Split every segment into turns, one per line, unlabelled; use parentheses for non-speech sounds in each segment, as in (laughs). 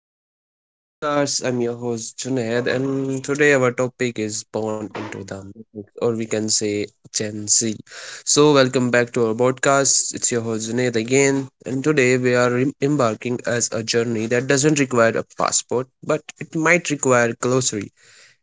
welcome back to our podcast. I'm your host Junaid, and today our topic is born into the matrix, or we can say Gen Z. So, welcome back to our podcast. It's your host Junaid again, and today we are embarking as a journey that doesn't require a passport, but it might require glossary.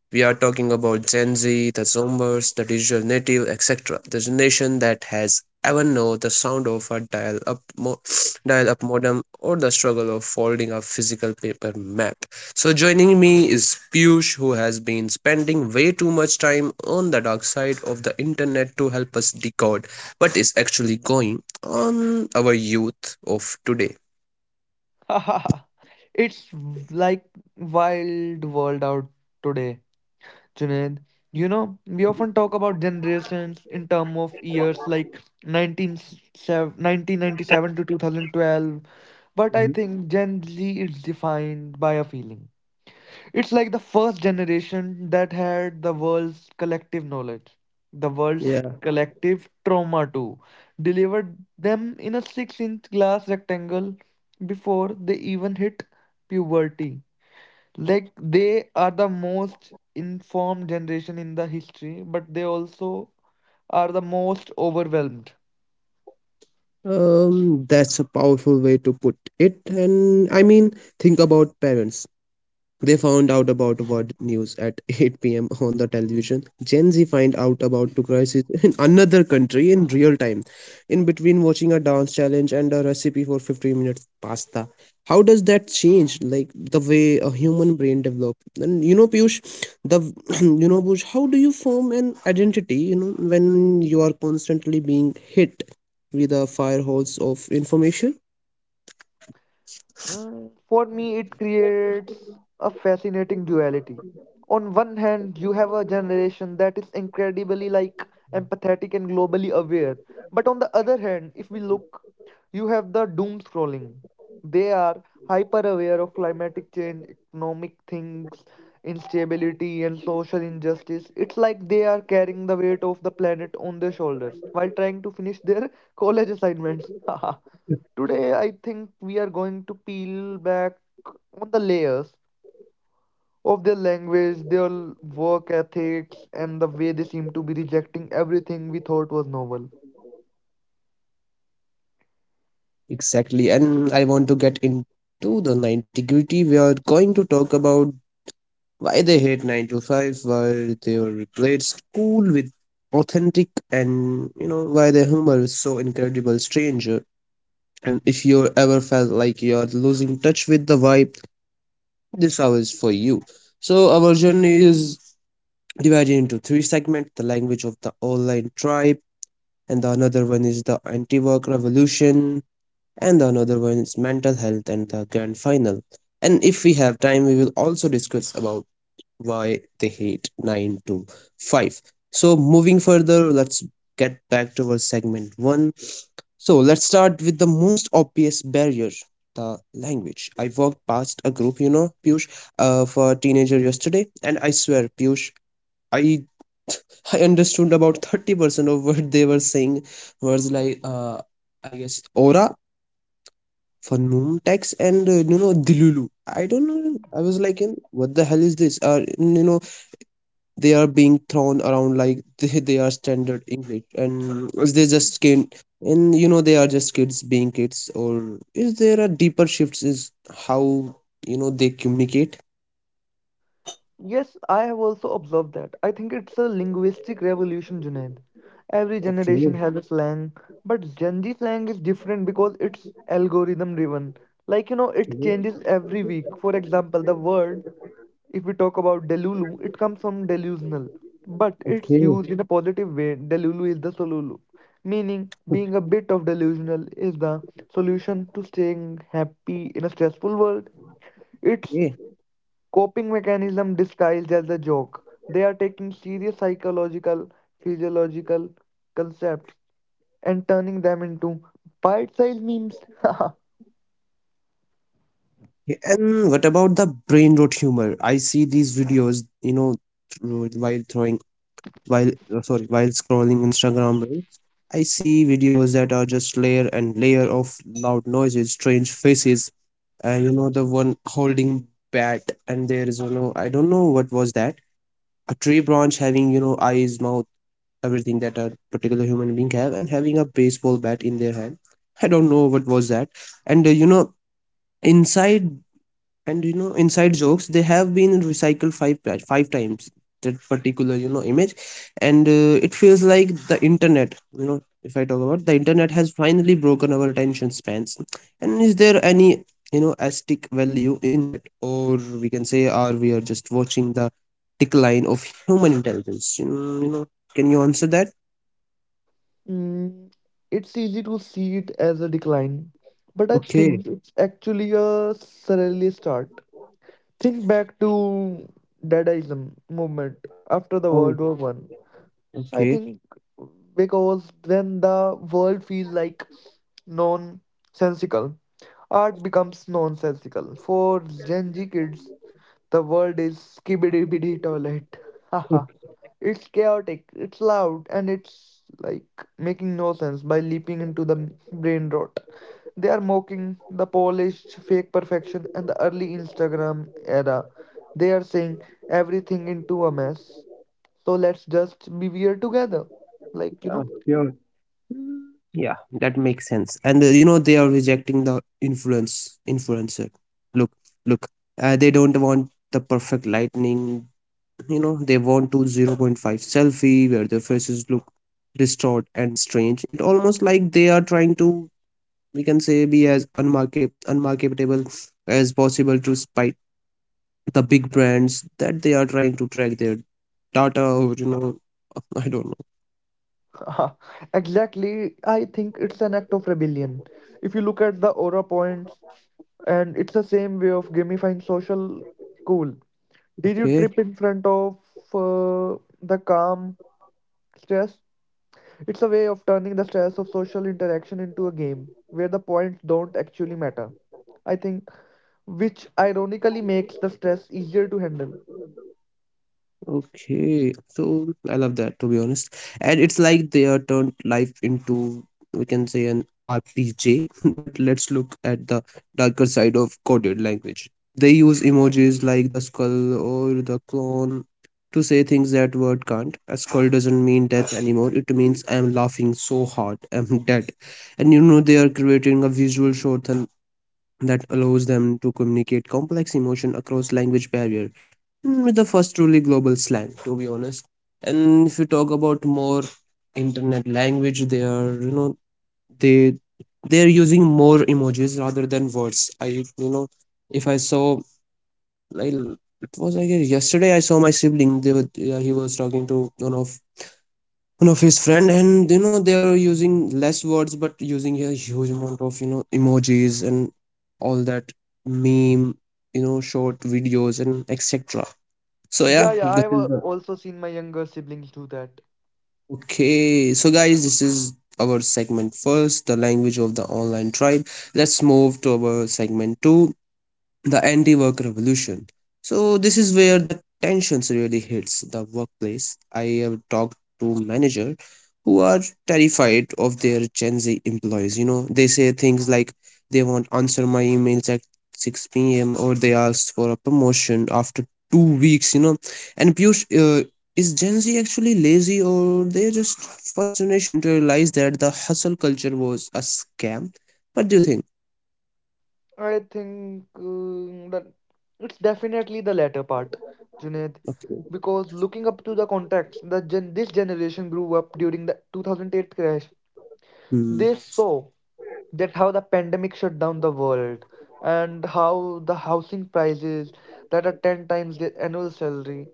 We are talking about Gen Z, the Zoomers, the digital native, etc. The generation that has ever known the sound of a (sniffs) dial-up modem or the struggle of folding a physical paper map. So joining me is Piyush, who has been spending way too much time on the dark side of the internet to help us decode what is actually going on our youth of today.
(laughs) It's like wild world out today, Junaid. You know, we often talk about generations in term of years like 1997 to 2012, but
Mhm.
I think Gen Z is defined by a feeling. It's like the first generation that had the world's collective knowledge, the
Yeah.
world's collective trauma too, delivered them in a six-inch glass rectangle before they even hit puberty. Like they are the most informed generation in the history, but they also are the most overwhelmed.
That's a powerful way to put it. And I mean, think about parents. They found out about world news at (laughs) 8 p.m. on the television. Gen Z find out about the crisis (laughs) in another country in real time, in between watching a dance challenge and a recipe for 15 minutes pasta. How does that change, like the way a human brain develops? And you know, Piyush, the (clears throat) you know, Piyush, how do you form an identity? You know, when you are constantly being hit with a fire hose of information.
For me, it creates a fascinating duality. On one hand, you have a generation that is incredibly like empathetic and globally aware. But on the other hand, if we look, you have the doom scrolling. They are hyper aware of climatic change, economic things, instability, and social injustice. It's like they are carrying the weight of the planet on their shoulders while trying to finish their (laughs) college assignments. (laughs) Today, I think we are going to peel back on the layers of their language, their work ethics, and the way they seem to be rejecting everything we thought was novel.
Exactly, and I want to get into the 90 gritty. We are going to talk about why they hate 9 to 5, why they are replaced cool with authentic, and you know, why their humor is so incredible stranger. And if you ever felt like you're losing touch with the vibe, this hour is for you. So, our journey is divided into three segments: the language of the online tribe, and the another one is the anti work revolution, and the another one is mental health and the grand final. And if we have time, we will also discuss about why they hate 9 to 5. So, moving further, let's get back to our segment 1. So, let's start with the most obvious barrier, the language. I walked past a group, you know, Piyush, for teenager yesterday, and I swear, Piyush, I (laughs) I understood about 30% of what they were saying, words like I guess aura for Noomtex and you know Dilulu. I don't know. I was like, "Hmm, what the hell is this?" Or you know, they are being thrown around like (laughs) they are standard English, and they just can, and you know, they are just kids being kids. Or is there a deeper shifts? Is how you know they communicate?
Yes, I have also observed that. I think it's a linguistic revolution, Junaid. Every
Okay,
generation
okay,
has a slang, but Gen Z slang is different because it's algorithm driven. Like, you know, it changes every week. For example, the word if we talk about Delulu, it comes from delusional, but
okay,
it's
okay.
used in a positive way. Delulu is the solulu, meaning being a bit of delusional is the solution to staying happy in a stressful world. It's
Yeah.
coping mechanism disguised as a joke. They are taking serious psychological, physiological concepts and turning them into bite-sized memes. (laughs)
And what about the brain rot humor? I see these videos, you know, through, while throwing while sorry while scrolling Instagram reels, I see videos that are just layer and layer of loud noises, strange faces, and you know the one holding bat, and there is you know I don't know what was that, a tree branch having you know eyes, mouth, everything that a particular human being have and having a baseball bat in their hand. I don't know what was that, and you know inside inside jokes they have been recycled five times, that particular you know image, and it feels like the internet, you know if I talk about the internet, has finally broken our attention spans, and is there any you know aesthetic value in that, or we can say are we are just watching the decline of human intelligence? You know, you know, can you answer that?
Mm, it's easy to see it as a decline, but I
Okay.
think it's actually a surreal start. Think back to Dadaism movement after the
Oh,
World War One. I
okay.
think because when the world feels like nonsensical, art becomes nonsensical. For Gen Z kids, the world is skibidi bidi toilet. (laughs) It's chaotic, it's loud, and it's like making no sense by leaping into the brain rot. They are mocking the polished fake perfection and the early Instagram era. They are saying everything into a mess. So let's just be weird together. Like,
Yeah,
you
sure. Yeah, that makes sense. And you know they are rejecting the influencer. Look, look, they don't want the perfect lightning. You know they want to 0 0.5 selfie where their faces look distorted and strange. It almost like they are trying to we can say be as unmarketable as possible to spite the big brands that they are trying to track their data, or you know (laughs) I don't know.
know, (laughs) exactly. I think it's an act of rebellion. If you look at the aura points, and it's the same way of gamifying social cool. Did you
Okay.
trip in front of the calm stress? It's a way of turning the stress of social interaction into a game where the points don't actually matter. I think, which ironically makes the stress easier to handle.
Okay, so I love that to be honest. And it's like they are turned life into we can say an RPG, (laughs) but let's look at the darker side of coded language. They use emojis like the skull or the clown to say things that word can't. A skull doesn't mean death anymore. It means I'm laughing so hard, I'm dead. And you know they are creating a visual short that allows them to communicate complex emotion across language barrier, Mm, with the first truly global slang, to be honest. And if you talk about more internet language, they are you know they they are using more emojis rather than words, I you know, if I saw, like it was I guess yesterday, I saw my sibling, they were, yeah, he was talking to one of his friend, and you know they were using less words but using a huge amount of you know emojis and all that, meme, you know short videos and etc. So
Yeah,
yeah,
yeah,
this
I've
is the,
also seen my younger siblings do that.
okay, so guys, this is our segment first, the language of the online tribe. Let's move to our segment two, the anti-work revolution. So this is where the tensions really hits the workplace. I have talked to manager who are terrified of their Gen Z employees. You know, they say things like they won't answer my emails at 6 p.m. or they ask for a promotion after 2 weeks. You know, and Piyush, uh, is Gen Z actually lazy, or they just first generation to realize that the hustle culture was a scam? What do you think?
I think that it's definitely the latter part, Junaid,
Okay.
because looking up to the context that this generation grew up during the 2008 crash.
Hmm.
They saw that how the pandemic shut down the world and how the housing prices that are 10 times the annual salary,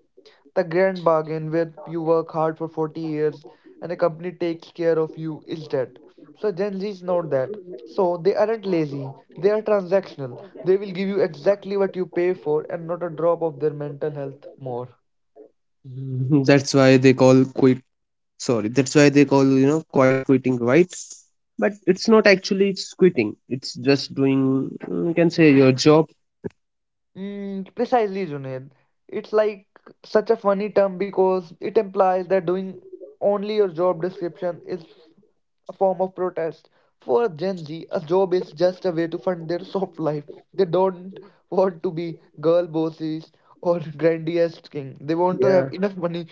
the grand bargain where you work hard for 40 years and a company takes care of you is dead. So Gen Z's not that, so they aren't lazy, they are transactional. They will give you exactly what you pay for and not a drop of their mental health more.
(laughs) Mhm. That's why they call you know quiet quitting, right? But it's not actually it's quitting. It's just doing, mm, you can say your job.
Precisely, Junaid. It's like such a funny term because it implies that doing only your job description is a form of protest. For Gen Z, a job is just a way to fund their (laughs) soft life. They don't want to be girl bosses or (laughs) grandiose king. They want to have
Yeah.
enough money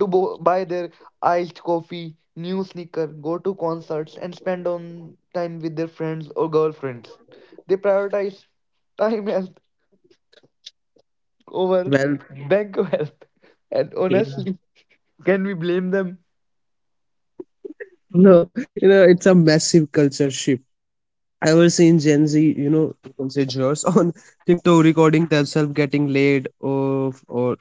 to buy their iced coffee, new sneaker, go to concerts, and spend on time with their friends or girlfriends. They prioritize time as over
Well.
bank of health. And
Yeah.
honestly,
(laughs)
can we blame them?
No, you know it's a massive culture shift. I was seeing Gen Z, you know, you can say jurors, (laughs) on TikTok, recording themselves getting laid off or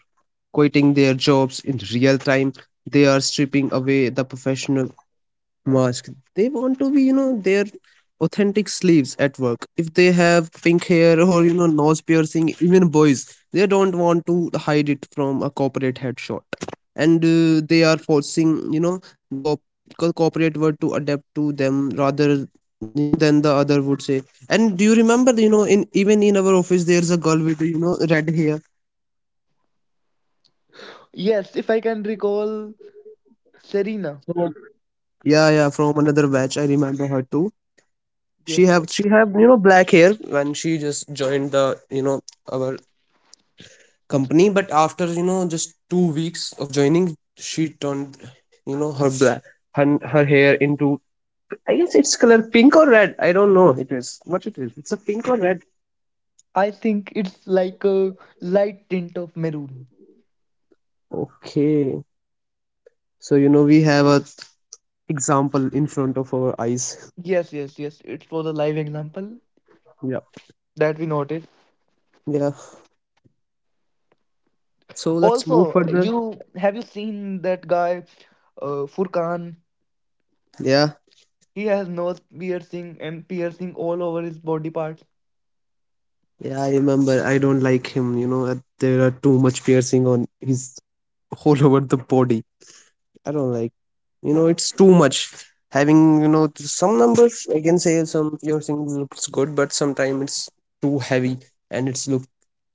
quitting their jobs in real time. They are stripping away the professional mask. They want to be, you know, their authentic sleeves at work. If they have pink hair or, you know, nose piercing, even boys, they don't want to hide it from a corporate headshot. And they are forcing, you know, the corporate world to adapt to them rather, you know, than the other would say. And do you remember, you know, in even in our office, there's a girl with, you know, red hair?
Yes, if I can recall Serena.
Yeah, yeah, from another batch. I remember her too.
Yes, yes.
She have you know black hair when she just joined the you know our company, but after you know just 2 weeks of joining, she turned you know her black her hair into, I guess it's color pink or red, I don't know, it is what it is, it's a pink or red.
I think it's like a light tint of maroon.
Okay, so you know we have a example in front of our eyes.
Yes, yes, yes. It was a live example
Yeah.
that we noted.
Yeah, so let's move
Also,
further.
you have you seen that guy, Furkan?
Yeah.
He has nose piercing and piercing all over his body parts.
Yeah, I remember, I don't like him, you know, there are too much piercing on his (laughs) all over the body, I don't like. You know, it's too much. Having you know some numbers, I can say some your single looks good, but sometimes it's too heavy, and it's look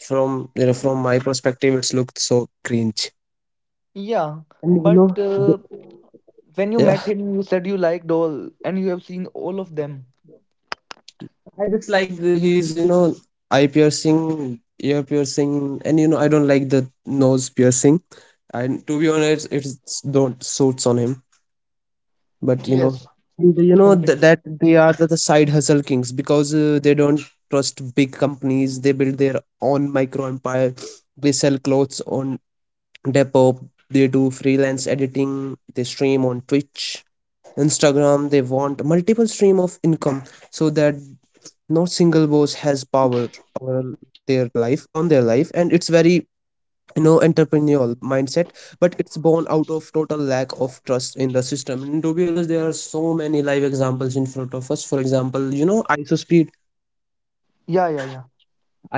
from you know from my perspective, it's looked so cringe.
Yeah,
And you
but
know,
when you
yeah,
met him, you said you liked all, and you have seen all of them.
I just like the, his you know eye piercing, ear piercing, and you know I don't like the nose piercing. And to be honest, it don't suits on him. But you know,
Yes.
and you know
Okay.
that they are the side hustle kings, because they don't trust big companies. They build their own micro empire, they sell clothes on Depop, they do freelance editing, they stream on Twitch, Instagram. They want multiple stream of income, so that no single boss has power over their life, on their life, and it's very, no, entrepreneurial mindset, but it's born out of total lack of trust in the system. And to be honest, there are so many live examples in front of us. For example, you know,
Yeah, yeah, yeah.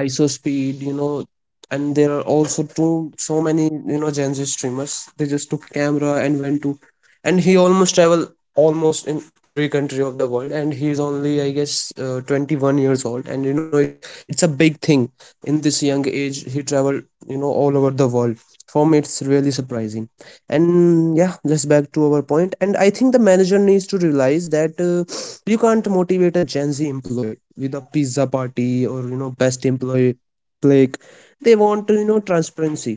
iso speed, you know, and there are also too so many you know Gen Z streamers. They just took camera and went to, and he almost travel almost in every country of the world, and he's only I guess 21 years old, and you know it's a big thing. In this young age he traveled you know all over the world. For me it's really surprising. And yeah, let's back to our point. And I think the manager needs to realize that you can't motivate a Gen Z employee with a pizza party or best employee. Like they want to, transparency.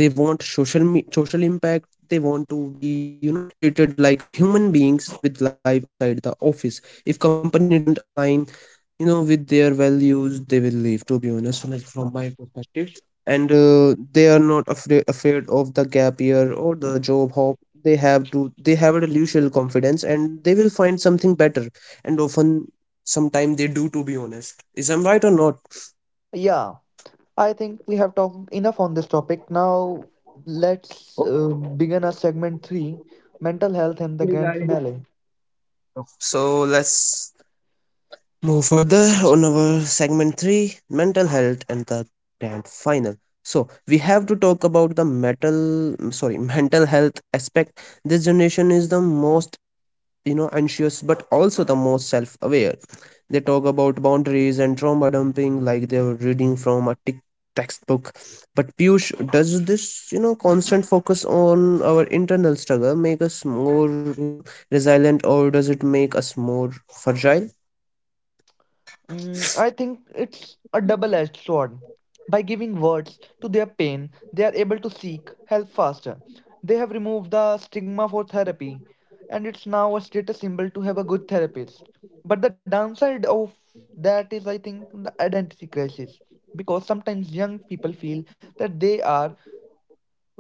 They want social impact. They want to be, treated like human beings with life outside the office. If company doesn't align, with their values they will leave, to be honest, like from my perspective. And they are not afraid of the gap year or the job hop. They have a usual confidence and they will find something better. And often, sometimes they do, to be honest. Is I'm right or not?
Yeah. I think we have talked enough on this topic. Now let's begin our segment three, mental health and the grand finale.
So let's move further on our segment 3, mental health and the grand final. So we have to talk about the metal sorry mental health aspect. This generation is the most, anxious, but also the most self-aware. They talk about boundaries and trauma dumping like they were reading from a textbook. But Piyush, does this, constant focus on our internal struggle make us more, resilient, or does it make us more fragile?
I think it's a double edged sword. By giving words to their pain, they are able to seek help faster. They have removed the stigma for therapy, and it's now a status symbol to have a good therapist. But the downside of that is, I think, the identity crisis. Because sometimes young people feel that they are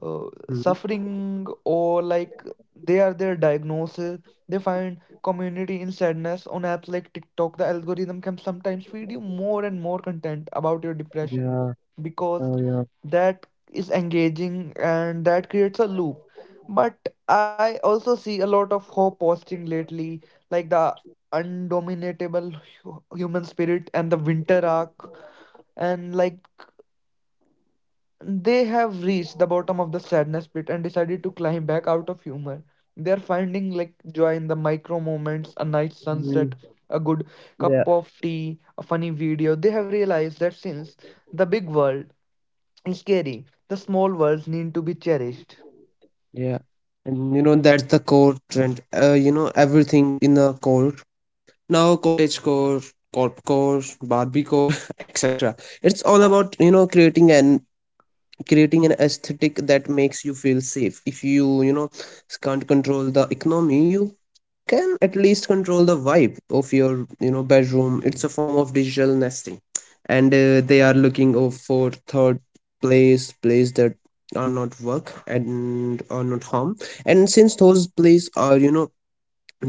uh,
Mhm.
suffering or like they are their diagnosis. They find community in sadness on apps like TikTok. The algorithm can sometimes feed you more and more content about your depression because
Yeah.
that is engaging and that creates a loop. But I also see a lot of hope posting lately, like the undominatable human spirit and the winter arc, and like they have reached the bottom of the sadness pit and decided to climb back out of humor. They are finding like joy in the micro moments, a nice
Mm.
sunset, a good
Yeah.
cup of tea, a funny video. They have realized that since the big world is scary, the small worlds need to be cherished.
Yeah, and you know that's the core trend. You know everything in the core now, cottage core, corp core, Barbie core, (laughs) etc. It's all about creating an aesthetic that makes you feel safe. If you, you know can't control the economy, you can at least control the vibe of your, bedroom. It's a form of digital nesting. And they are looking for third place that are not work and are not home. And since those plays are,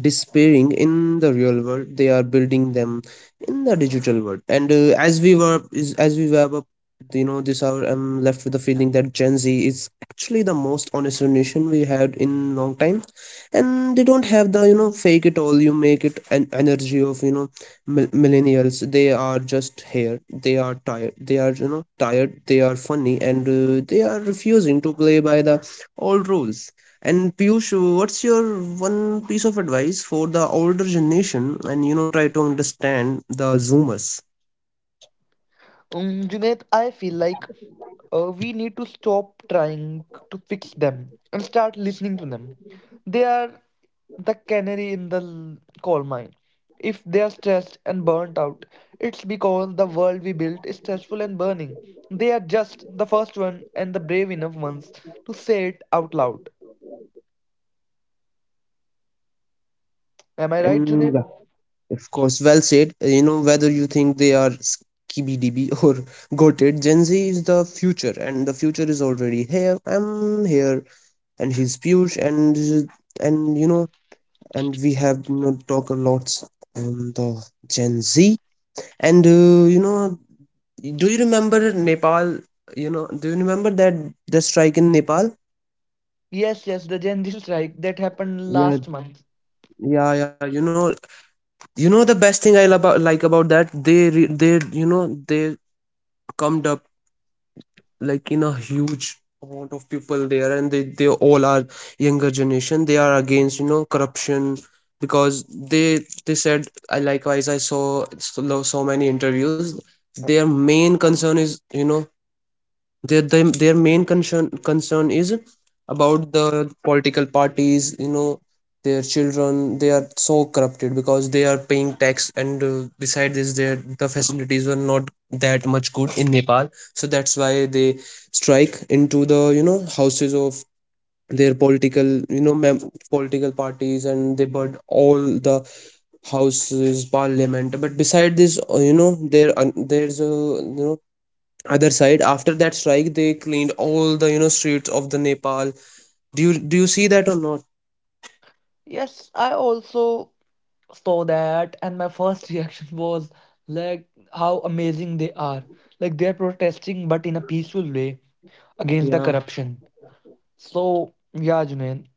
despairing in the real world, they are building them in the digital world. And as we wrap up, this hour, I'm left with the feeling that Gen Z is actually the most honest generation we had in long time. And they don't have the, fake it all you make it an energy of, millennials. They are just here, they are tired, they are, tired, they are funny, and they are refusing to play by the old rules. And Piyush, what's your one piece of advice for the older generation and try to understand the Zoomers?
Junaid, I feel like we need to stop trying to fix them and start listening to them. They are the canary in the coal mine. If they are stressed and burnt out, it's because the world we built is stressful and burning. They are just the first one and the brave enough ones to say it out loud. Am I right,
And yeah,
Junaid?
of course, well said. You know whether you think they are skibidi (laughs) or goated, Gen Z is the future, and the future is already here. I'm here, and he's Piyush, and and and we have, talk a lot on the Gen Z. And do you remember Nepal? You know, do you remember that the strike in Nepal?
Yes, yes, the Gen Z strike that happened
Yeah,
last month.
yeah. You know the best thing I love about about that, they they, they come up like in a huge amount of people there, and they all are younger generation. They are against, corruption, because they said, I likewise I saw so many interviews. Their main concern is, their main concern is about the political parties, their children. They are so corrupted because they are paying tax, and beside this their the facilities were not that much good in Nepal, so that's why they strike into the, houses of their political, political parties, and they burn all the houses, parliament. But beside this there's a you other side. After that strike, they cleaned all the, streets of the Nepal. Do you see that or not?
Yes, I also saw that, and my first (laughs) reaction was like how amazing they are. Like they're protesting, but in a peaceful way against the
Yeah.
corruption. So, yeah, Junaid.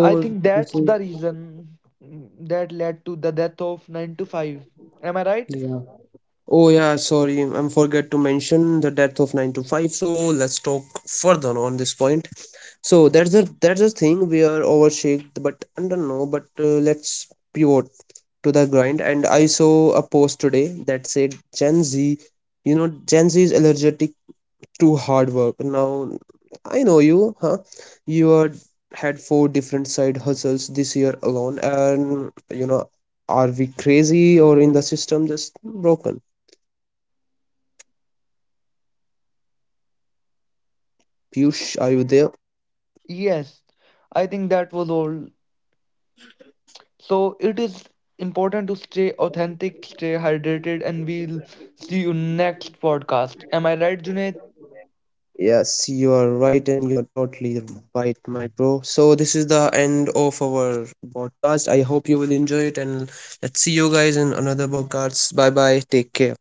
I think
this
that's
is.
the reason that led to the death of 9 to 5. Am I right?
Yeah. Oh yeah, sorry, I'm forget to mention the death of 9 to 5. So let's talk further on this point. So that's a, that's a thing we are overshaked, but I don't know. But let's pivot to the grind. And I saw a post today that said you know Gen Z is allergic to hard work. Now, I know you, huh? You are, had four different side hustles this year alone, and you know, are we crazy or in the system just broken? Piyush, are you there?
Yes, I think that was all. So it is important to stay authentic, stay hydrated, and we'll see you next podcast. Am I right, Junaid?
Yes, you are right, and you're totally right, my bro. So, this is the end of our podcast. I hope you will enjoy it, and let's see you guys in another podcast. Bye bye. Take care.